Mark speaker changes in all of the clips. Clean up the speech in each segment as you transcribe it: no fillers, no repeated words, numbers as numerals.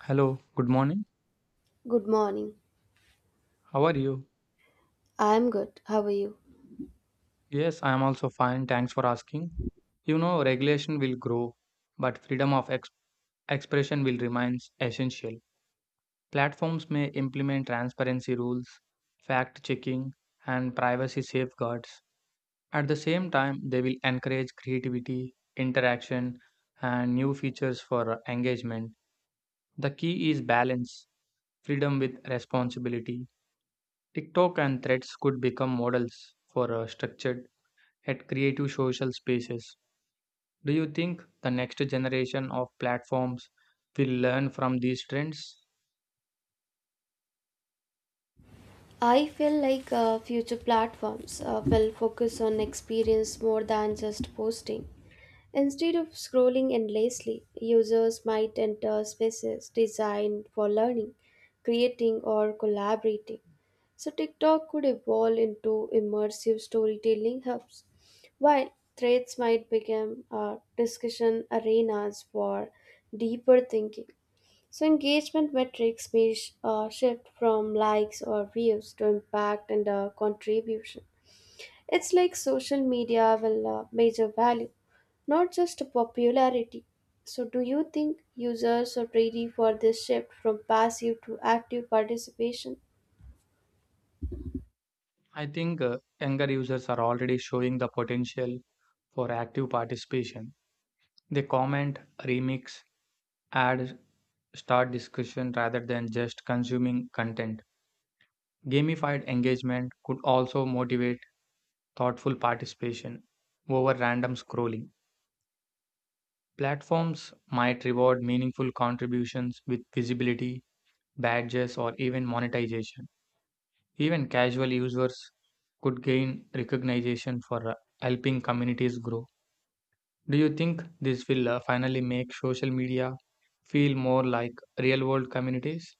Speaker 1: Hello, good morning.
Speaker 2: Good morning.
Speaker 1: How are you?
Speaker 2: I'm good. How are you?
Speaker 1: Yes, I am also fine. Thanks for asking. You know, regulation will grow, but freedom of expression will remain essential. Platforms may implement transparency rules, fact checking, and privacy safeguards. At the same time, they will encourage creativity, interaction, and new features for engagement. The key is balance, freedom with responsibility. TikTok and threads could become models for structured at creative social spaces. Do you think the next generation of platforms will learn from these trends?
Speaker 2: I feel like future platforms will focus on experience more than just posting. Instead of scrolling endlessly, users might enter spaces designed for learning, creating, or collaborating. So, TikTok could evolve into immersive storytelling hubs, while threads might become discussion arenas for deeper thinking. So engagement metrics may shift from likes or views to impact and contribution. It's like social media will measure value, not just popularity. So do you think users are ready for this shift from passive to active participation?
Speaker 1: I think younger users are already showing the potential for active participation. They comment, remix, add, start discussion rather than just consuming content. Gamified engagement could also motivate thoughtful participation over random scrolling. Platforms might reward meaningful contributions with visibility badges, or even monetization. Even casual users could gain recognition for helping communities grow. Do you think this will finally make social media feel more like real world communities?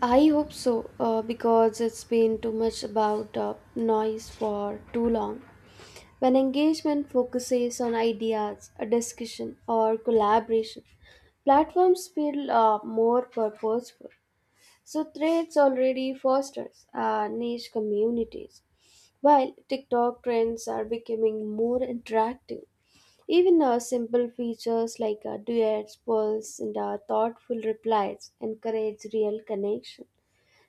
Speaker 2: I hope so, because it's been too much about noise for too long. When engagement focuses on ideas, a discussion, or collaboration, platforms feel more purposeful. So, Threads already fosters niche communities, while TikTok trends are becoming more interactive. Even simple features like duets, polls, and thoughtful replies encourage real connection.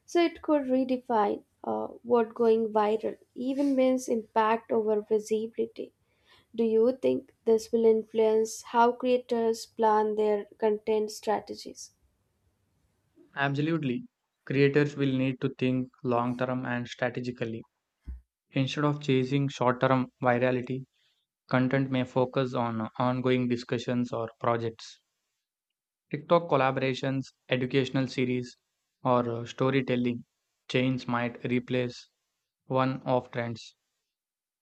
Speaker 2: So it could redefine what going viral even means impact over visibility. Do you think this will influence how creators plan their content strategies?
Speaker 1: Absolutely. Creators will need to think long term and strategically. Instead of chasing short term virality, content may focus on ongoing discussions or projects. TikTok collaborations, educational series, or storytelling chains might replace one off trends.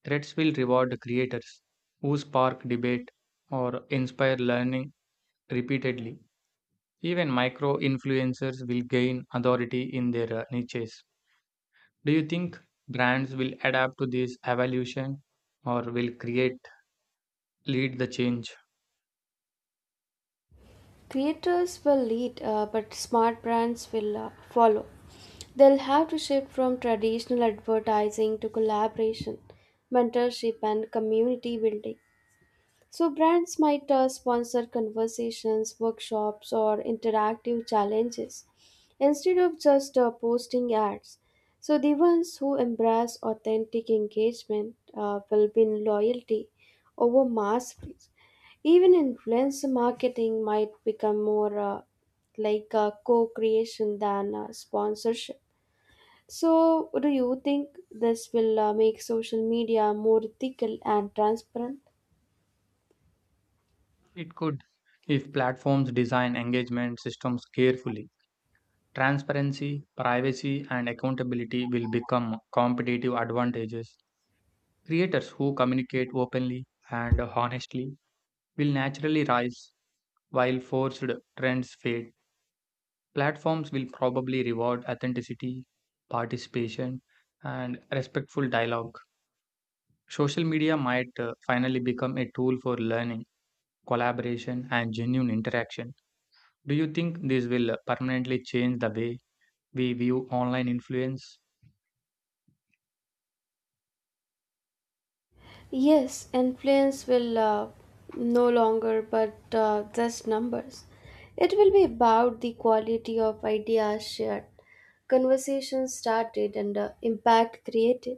Speaker 1: Threads will reward the creators who spark debate or inspire learning repeatedly. Even micro influencers will gain authority in their niches. Do you think brands will adapt to this evolution or will create lead the change?
Speaker 2: Creators will lead, but smart brands will follow. They'll have to shift from traditional advertising to collaboration, mentorship, and community building. So, brands might sponsor conversations, workshops, or interactive challenges instead of just posting ads. So, the ones who embrace authentic engagement will win loyalty over mass reach. Even influencer marketing might become more like a co creation than sponsorship. So, do you think this will make social media more ethical and transparent?
Speaker 1: It could if platforms design engagement systems carefully. Transparency, privacy, and accountability will become competitive advantages. Creators who communicate openly and honestly will naturally rise, while forced trends fade. Platforms will probably reward authenticity, participation, and respectful dialogue. Social media might finally become a tool for learning, collaboration, and genuine interaction. Do you think this will permanently change the way we view online influence?
Speaker 2: Yes, and planes will no longer but just numbers. It will be about the quality of ideas shared, conversations started, and impact created.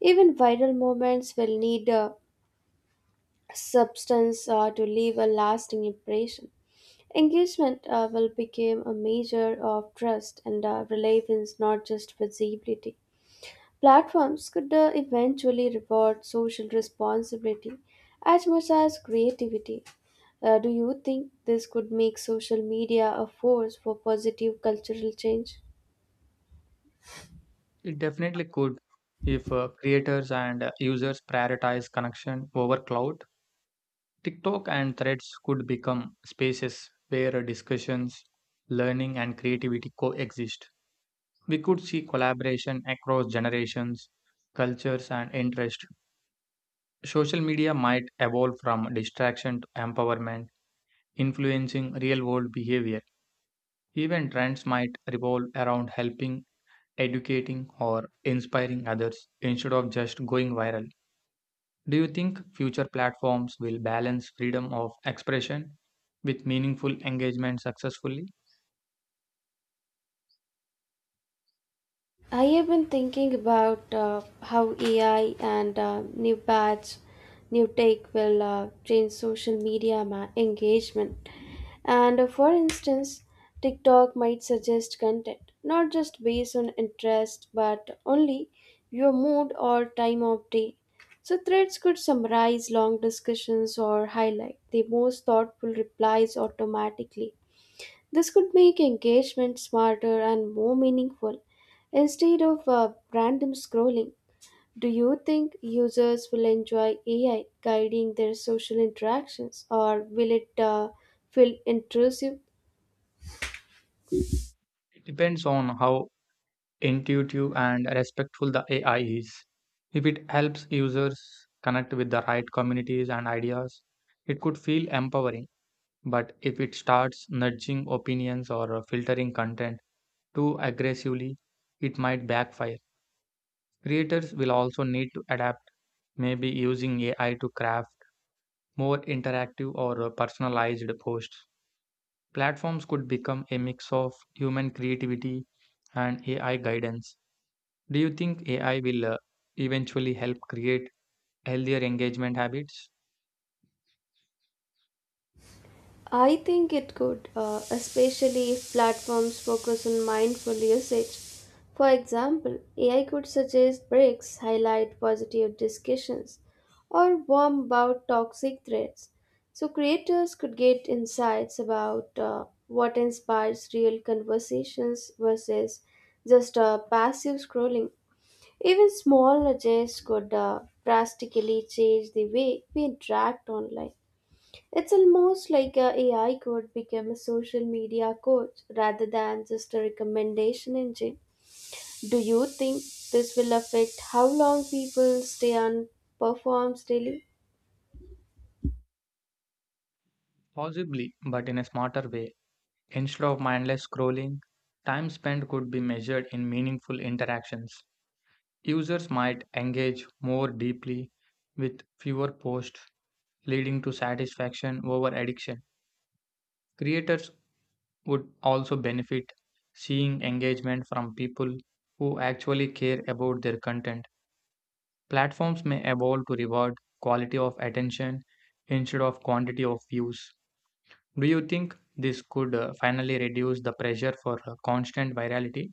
Speaker 2: Even viral moments will need a substance to leave a lasting impression. Engagement will become a measure of trust and relevance, not just visibility. Platforms could eventually reward social responsibility as much as creativity. Do you think this could make social media a force for positive cultural change?
Speaker 1: It definitely could. If creators and users prioritize connection over cloud, TikTok and threads could become spaces where discussions, learning, and creativity coexist. We could see collaboration across generations, cultures, and interests. Social media might evolve from distraction to empowerment, influencing real world behavior. Even trends might revolve around helping, educating, or inspiring others instead of just going viral. Do you think future platforms will balance freedom of expression with meaningful engagement successfully?
Speaker 2: I have been thinking about how AI and new tech will change social media engagement. And for instance, TikTok might suggest content not just based on interest but only your mood or time of day. So threads could summarize long discussions or highlight the most thoughtful replies automatically. This could make engagement smarter and more meaningful instead of random scrolling. Do you think users will enjoy AI guiding their social interactions or will it feel intrusive?
Speaker 1: It depends on how intuitive and respectful the AI is. If it helps users connect with the right communities and ideas, it could feel empowering. But if it starts nudging opinions or filtering content too aggressively, it might backfire. Creators will also need to adapt, maybe using AI to craft more interactive or personalized posts. Platforms could become a mix of human creativity and AI guidance. Do you think AI will eventually help create healthier engagement habits?
Speaker 2: I think it could, especially if platforms focus on mindful usage. For example, AI could suggest breaks, highlight positive discussions, or warn about toxic threats. So creators could get insights about what inspires real conversations versus just passive scrolling. Even small nudges could drastically change the way we interact online. It's almost like a AI could become a social media coach rather than just a recommendation engine. Do you think this will affect how long people stay on performs daily?
Speaker 1: Possibly, but in a smarter way. Instead of mindless scrolling, time spent could be measured in meaningful interactions. Users might engage more deeply with fewer posts, leading to satisfaction over addiction. Creators would also benefit seeing engagement from people who actually care about their content. Platforms may evolve to reward quality of attention instead of quantity of views. Do you think this could finally reduce the pressure for constant virality?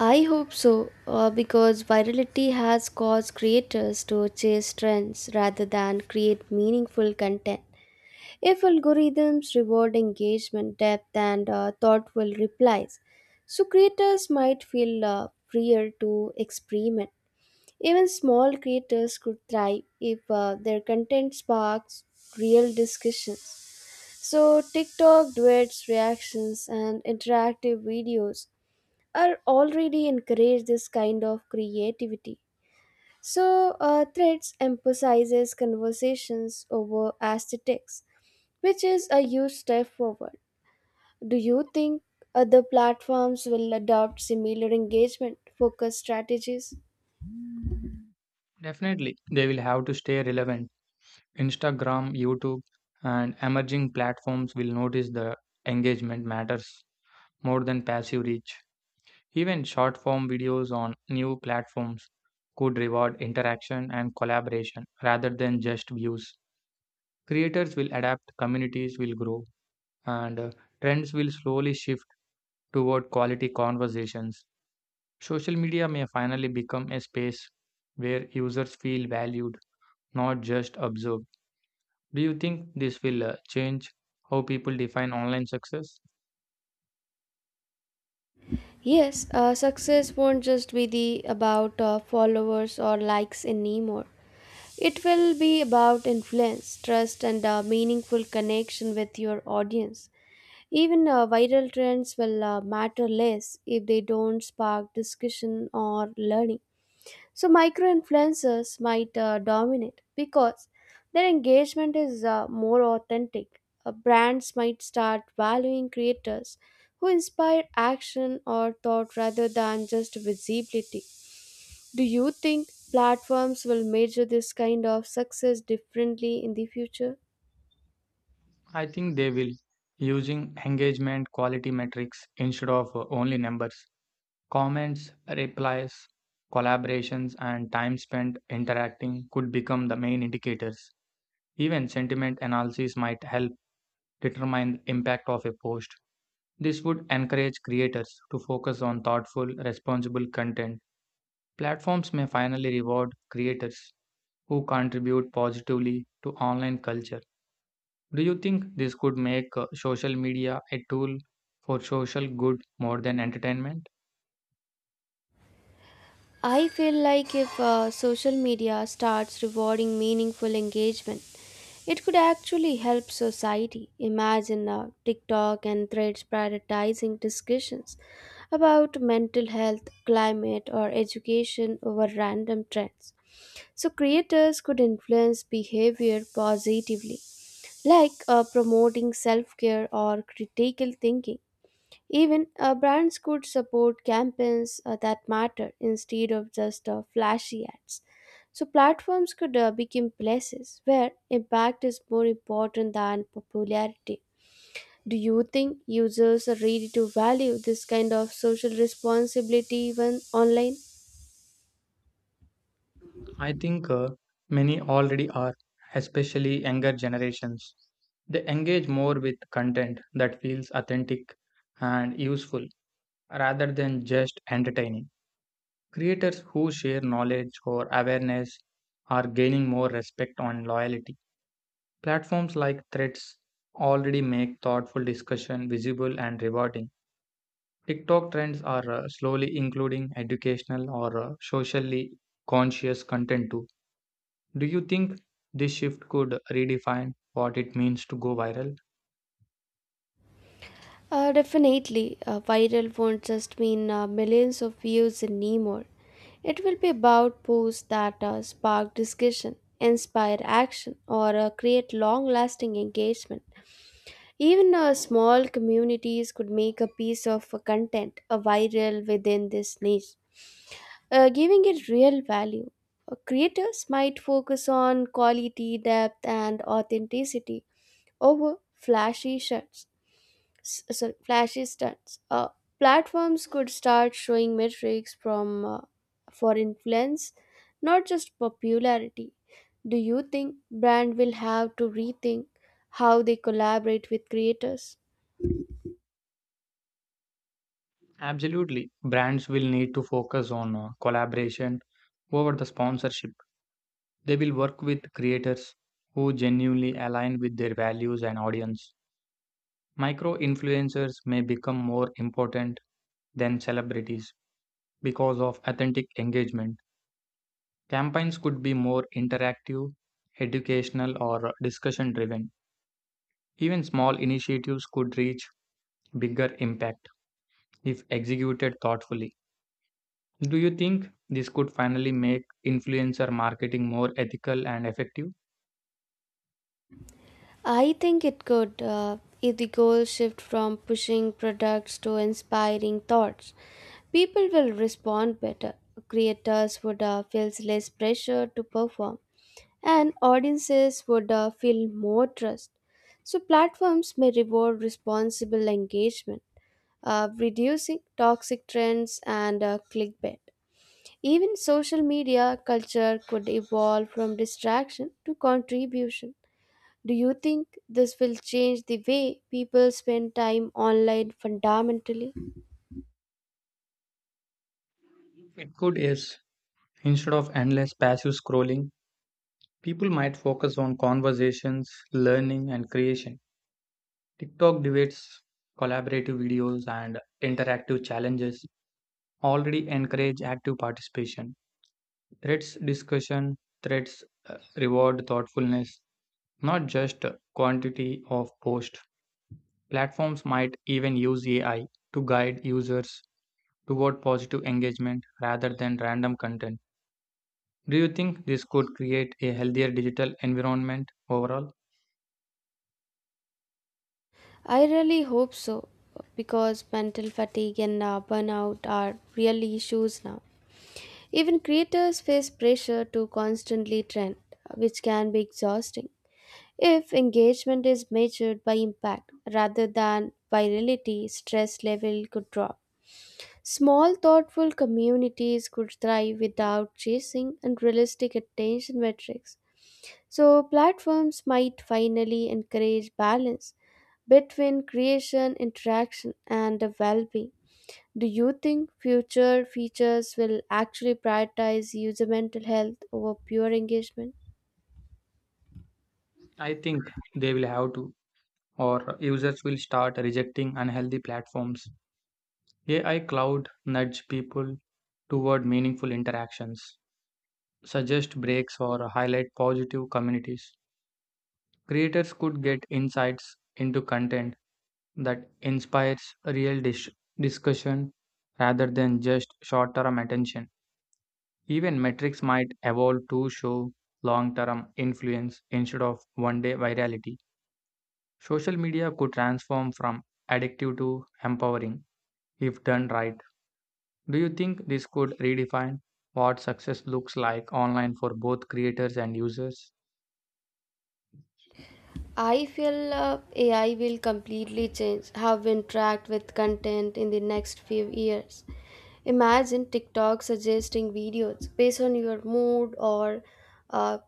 Speaker 2: I hope so, because virality has caused creators to chase trends rather than create meaningful content. If algorithms reward engagement, depth, and thoughtful replies, so creators might feel freer to experiment. Even small creators could thrive if their content sparks real discussions. So, TikTok duets, reactions, and interactive videos are already encourage this kind of creativity. So, Threads emphasizes conversations over aesthetics, which is a huge step forward. Do you think other platforms will adopt similar engagement focused strategies?
Speaker 1: Definitely, they will have to stay relevant. Instagram, YouTube, and emerging platforms will notice the engagement matters more than passive reach. Even short form videos on new platforms could reward interaction and collaboration rather than just views. Creators will adapt, communities will grow, and trends will slowly shift toward quality conversations. Social media may finally become a space where users feel valued, not just observed. Do you think this will change how people define online success?
Speaker 2: Yes, success won't just be the about followers or likes anymore. It will be about influence, trust, and a meaningful connection with your audience. Even viral trends will matter less if they don't spark discussion or learning. So micro influencers might dominate because their engagement is more authentic. Brands might start valuing creators who inspire action or thought rather than just visibility. Do you think platforms will measure this kind of success differently in the future?
Speaker 1: I think they will, using engagement quality metrics instead of only numbers. Comments, replies, collaborations, and time spent interacting could become the main indicators. Even sentiment analysis might help determine the impact of a post. This would encourage creators to focus on thoughtful, responsible content. Platforms may finally reward creators who contribute positively to online culture. Do you think this could make social media a tool for social good more than entertainment?
Speaker 2: I feel like if social media starts rewarding meaningful engagement, it could actually help society. Imagine TikTok and threads prioritizing discussions about mental health, climate, or education over random trends. So, creators could influence behavior positively, like promoting self care or critical thinking. Even brands could support campaigns that matter instead of just flashy ads. So platforms could become places where impact is more important than popularity. Do you think users are ready to value this kind of social responsibility even online?
Speaker 1: I think many already are, especially younger generations. They engage more with content that feels authentic and useful rather than just entertaining. Creators who share knowledge or awareness are gaining more respect on loyalty. Platforms like Threads already make thoughtful discussion visible and rewarding. TikTok trends are slowly including educational or socially conscious content too. Do you think this shift could redefine what it means to go viral?
Speaker 2: Definitely, viral won't just mean millions of views anymore. It will be about posts that spark discussion, inspire action, or create long lasting engagement. Even small communities could make a piece of content viral within this niche, giving it real value. Creators might focus on quality, depth, and authenticity over flashy shirts s- sorry, flashy stunts. Platforms could start showing metrics from uh, for influence, not just popularity. Do you think brand will have to rethink how they collaborate with creators?
Speaker 1: Absolutely. Brands will need to focus on collaboration over the sponsorship. They will work with creators who genuinely align with their values and audience. Micro influencers may become more important than celebrities because of authentic engagement. Campaigns could be more interactive, educational, or discussion driven. Even small initiatives could reach bigger impact if executed thoughtfully. Do you think this could finally make influencer marketing more ethical and effective?
Speaker 2: I think it could if the goal shift from pushing products to inspiring thoughts. People will respond better. Creators would feel less pressure to perform. And audiences would feel more trust. So, platforms may reward responsible engagement, reducing toxic trends and clickbait. Even social media culture could evolve from distraction to contribution. Do you think this will change the way people spend time online fundamentally?
Speaker 1: It could, yes. Instead of endless passive scrolling, people might focus on conversations, learning, and creation. TikTok debates, collaborative videos, and interactive challenges already encourage active participation. Threads discussion, threads reward thoughtfulness, not just quantity of post. Platforms might even use AI to guide users toward positive engagement rather than random content. Do you think this could create a healthier digital environment overall?
Speaker 2: I really hope so because mental fatigue and burnout are real issues now. Even creators face pressure to constantly trend, which can be exhausting. If engagement is measured by impact rather than virality, stress level could drop. Small, thoughtful communities could thrive without chasing unrealistic attention metrics. So, platforms might finally encourage balance between creation, interaction, and well being. Do you think future features will actually prioritize user mental health over pure engagement?
Speaker 1: I think they will have to, or users will start rejecting unhealthy platforms. AI cloud nudge people toward meaningful interactions, suggest breaks, or highlight positive communities. Creators could get insights into content that inspires discussion rather than just short term attention. Even metrics might evolve to show long term influence instead of one day virality. Social media could transform from addictive to empowering if done right. Do you think this could redefine what success looks like online for both creators and users?
Speaker 2: I feel AI will completely change how we interact with content in the next few years. Imagine TikTok suggesting videos based on your mood or uh,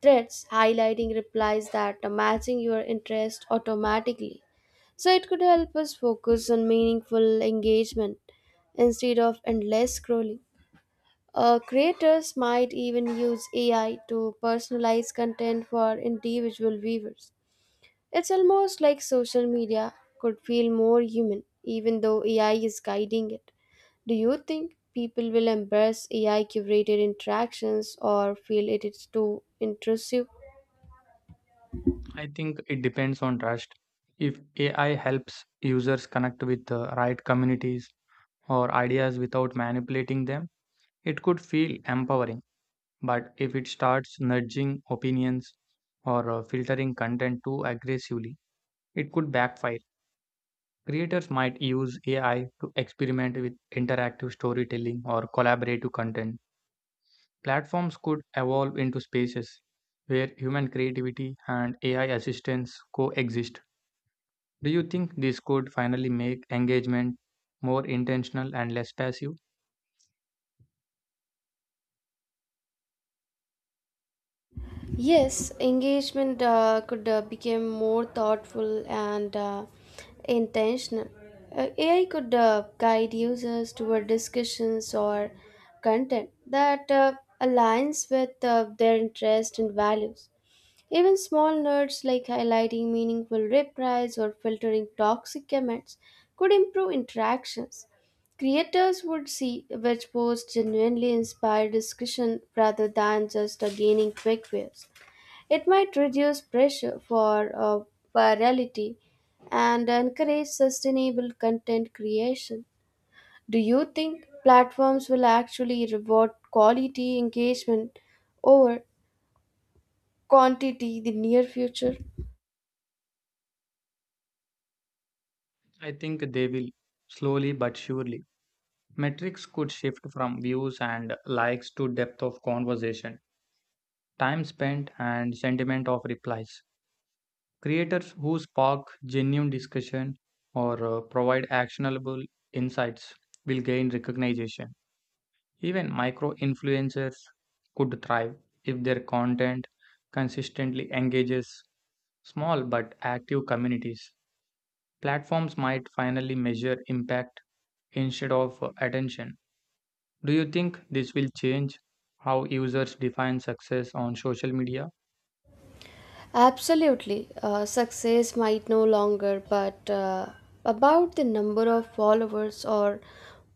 Speaker 2: threads, highlighting replies that are matching your interest automatically. So it could help us focus on meaningful engagement instead of endless scrolling. Creators might even use AI to personalize content for individual viewers it's almost like social media could feel more human, even though AI is guiding it. Do you think people will embrace AI curated interactions or feel it is too intrusive?
Speaker 1: I think it depends on trust. If AI helps users connect with the right communities, or ideas without manipulating them, it could feel empowering. But if it starts nudging opinions or filtering content too aggressively, it could backfire. Creators might use AI to experiment with interactive storytelling or collaborative content. Platforms could evolve into spaces where human creativity and AI assistance coexist. Do you think this could finally make engagement more intentional and less passive?
Speaker 2: Yes, engagement could become more thoughtful and intentional. AI could guide users toward discussions or content that aligns with their interests and values. Even small nerds like highlighting meaningful replies or filtering toxic comments could improve interactions. Creators would see which posts genuinely inspire discussion rather than just gaining quick views. It might reduce pressure for virality and encourage sustainable content creation. Do you think platforms will actually reward quality engagement over quantity in the near future?
Speaker 1: I think they will, slowly but surely. Metrics could shift from views and likes to depth of conversation, time spent, and sentiment of replies. Creators who spark genuine discussion or provide actionable insights will gain recognition. Even micro influencers could thrive if their content consistently engages small but active communities. Platforms might finally measure impact instead of attention. Do you think this will change how users define success on social media?
Speaker 2: Absolutely. Success might no longer, but about the number of followers or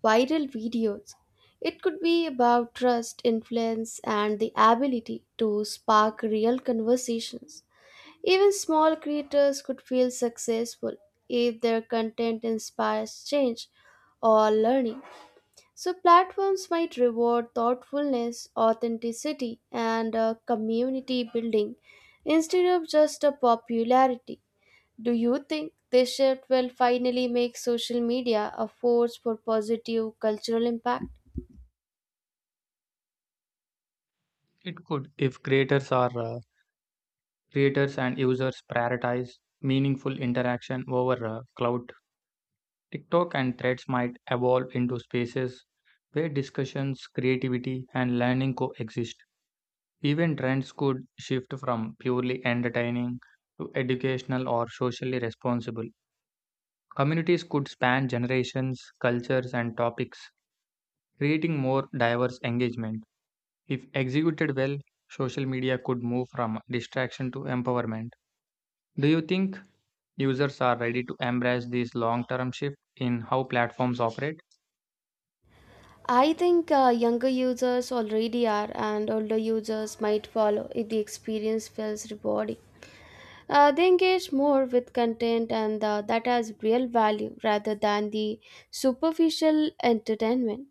Speaker 2: viral videos, it could be about trust, influence, and the ability to spark real conversations. Even small creators could feel successful if their content inspires change or learning. So, platforms might reward thoughtfulness, authenticity, and community building instead of just a popularity. Do you think this shift will finally make social media a force for positive cultural impact?
Speaker 1: It could if creators and users prioritize meaningful interaction over clout. TikTok and threads might evolve into spaces where discussions, creativity, and learning coexist. Even trends could shift from purely entertaining to educational or socially responsible. Communities could span generations, cultures, and topics, creating more diverse engagement. If executed well, social media could move from distraction to empowerment. Do you think users are ready to embrace this long term shift in how platforms operate?
Speaker 2: I think younger users already are, and older users might follow if the experience feels rewarding. They engage more with content and that has real value rather than the superficial entertainment.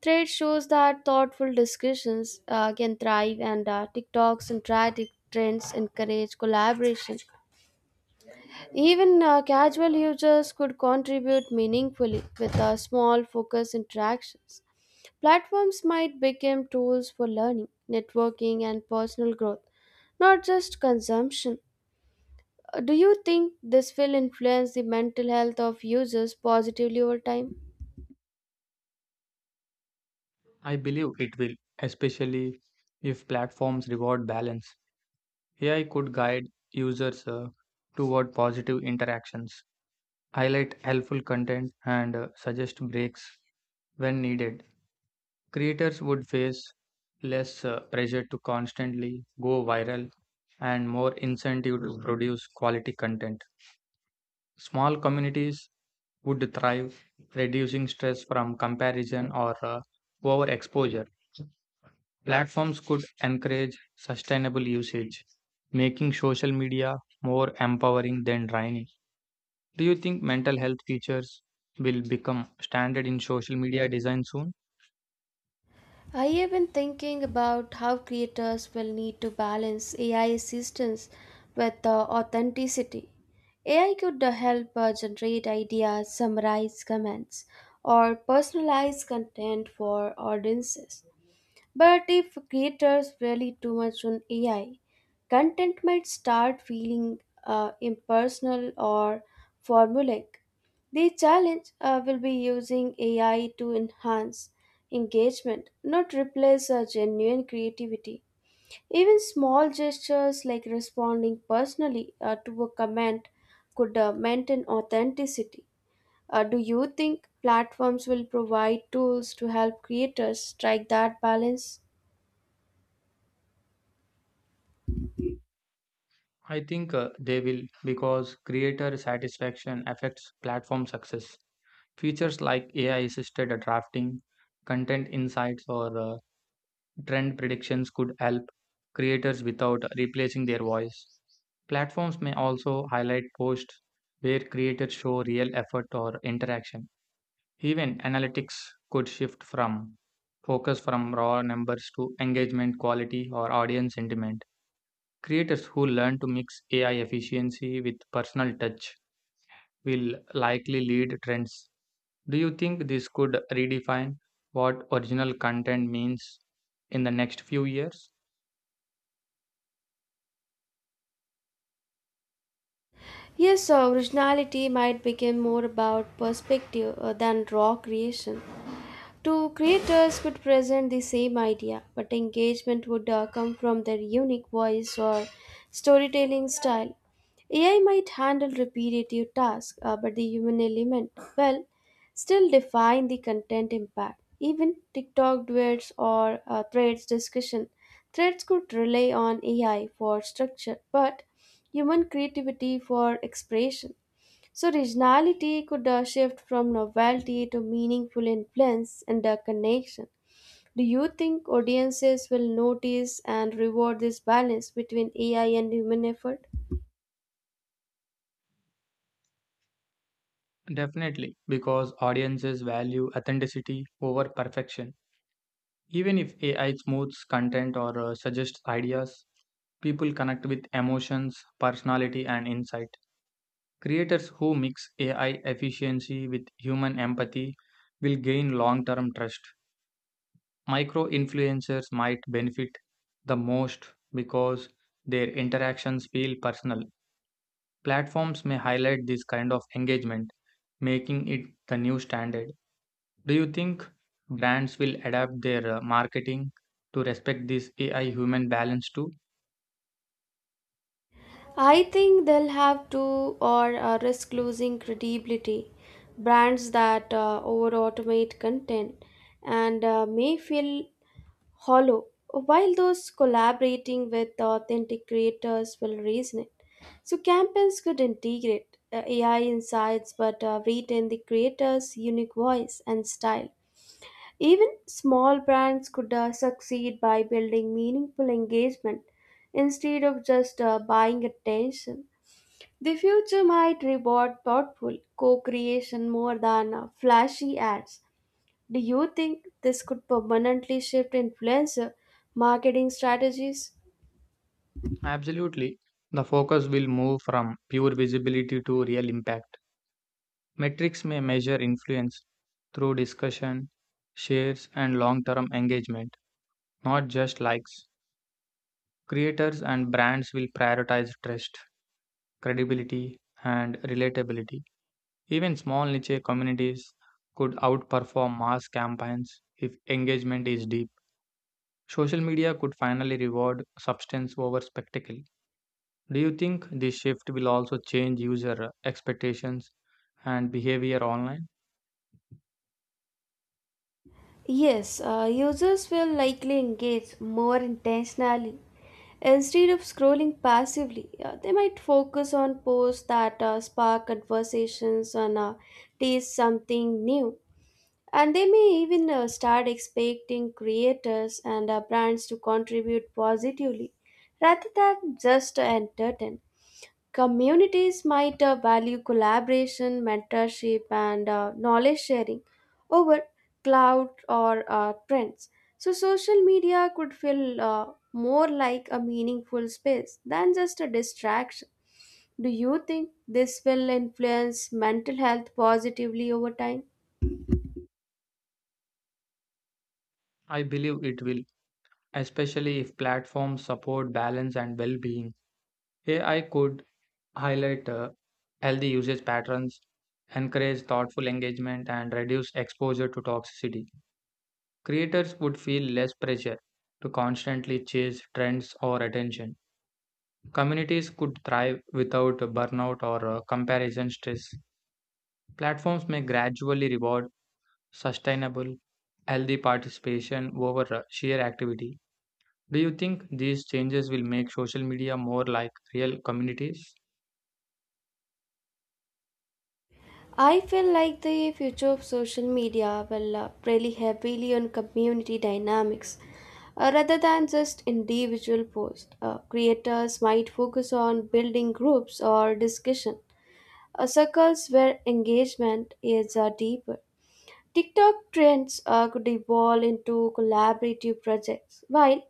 Speaker 2: Trade shows that thoughtful discussions can thrive, and TikTok's and trends encourage collaboration. Even casual users could contribute meaningfully with small focus interactions. Platforms might become tools for learning, networking, and personal growth, not just consumption. Do you think this will influence the mental health of users positively over time?
Speaker 1: I believe it will, especially if platforms reward balance. AI could guide users toward positive interactions, highlight helpful content, and suggest breaks when needed. Creators would face less pressure to constantly go viral and more incentive to produce quality content. Small communities would thrive, reducing stress from comparison or overexposure. Platforms could encourage sustainable usage, making social media more empowering than draining. Do you think mental health features will become standard in social media design soon?
Speaker 2: I have been thinking about how creators will need to balance AI assistance with authenticity. AI could help generate ideas, summarize comments, or personalize content for audiences. But if creators rely too much on AI, content might start feeling impersonal or formulaic. The challenge will be using AI to enhance engagement, not replace a genuine creativity. Even small gestures like responding personally to a comment could maintain authenticity. Do you think platforms will provide tools to help creators strike that balance?
Speaker 1: I think they will because creator satisfaction affects platform success. Features like AI assisted drafting, content insights, or trend predictions could help creators without replacing their voice. Platforms may also highlight posts where creators show real effort or interaction. Even analytics could shift from focus from raw numbers to engagement quality or audience sentiment. Creators who learn to mix AI efficiency with personal touch will likely lead trends. Do you think this could redefine what original content means in the next few years?
Speaker 2: Yes, so originality might become more about perspective than raw creation. Two creators could present the same idea, but engagement would come from their unique voice or storytelling style. AI might handle repetitive tasks, but the human element, well, still define the content impact. Even TikTok duets or threads discussion. Threads could rely on AI for structure, but human creativity for expression. So, originality could shift from novelty to meaningful influence and connection. Do you think audiences will notice and reward this balance between AI and human effort?
Speaker 1: Definitely, because audiences value authenticity over perfection. Even if AI smooths content or suggests ideas, people connect with emotions, personality, and insight. Creators who mix AI efficiency with human empathy will gain long term trust. Micro influencers might benefit the most because their interactions feel personal. Platforms may highlight this kind of engagement, making it the new standard. Do you think brands will adapt their marketing to respect this AI human balance too?
Speaker 2: I think they'll have to or risk losing credibility. Brands that over automate content and may feel hollow, while those collaborating with authentic creators will resonate. So, campaigns could integrate AI insights but retain the creator's unique voice and style. Even small brands could succeed by building meaningful engagement instead of just buying attention. The future might reward thoughtful co creation more than flashy ads. Do you think this could permanently shift influencer marketing strategies?
Speaker 1: Absolutely. The focus will move from pure visibility to real impact. Metrics may measure influence through discussion, shares, and long term engagement, not just likes. Creators and brands will prioritize trust, credibility, and relatability. Even small niche communities could outperform mass campaigns if engagement is deep. Social media could finally reward substance over spectacle. Do you think this shift will also change user expectations and behavior online?
Speaker 2: Yes, users will likely engage more intentionally. Instead of scrolling passively, they might focus on posts that spark conversations and taste something new. And they may even start expecting creators and brands to contribute positively rather than just entertain. Communities might value collaboration, mentorship, and knowledge sharing over cloud or trends. So, social media could feel more like a meaningful space than just a distraction. Do you think this will influence mental health positively over time?
Speaker 1: I believe it will, especially if platforms support balance and well being. AI could highlight healthy usage patterns, encourage thoughtful engagement, and reduce exposure to toxicity. Creators would feel less pressure to constantly chase trends or attention. Communities could thrive without burnout or comparison stress. Platforms may gradually reward sustainable, healthy participation over sheer activity. Do you think these changes will make social media more like real communities?
Speaker 2: I feel like the future of social media will rely heavily on community dynamics rather than just individual posts. Creators might focus on building groups or discussion circles where engagement is deeper. TikTok trends could evolve into collaborative projects, while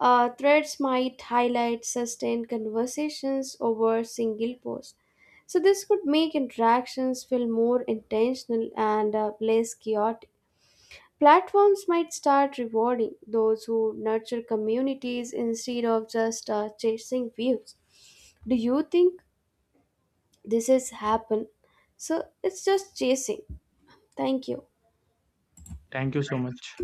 Speaker 2: threads might highlight sustained conversations over single posts. So, this could make interactions feel more intentional and less chaotic. Platforms might start rewarding those who nurture communities instead of just chasing views. Do you think this has happened? So, it's just chasing. Thank you.
Speaker 1: Thank you so much.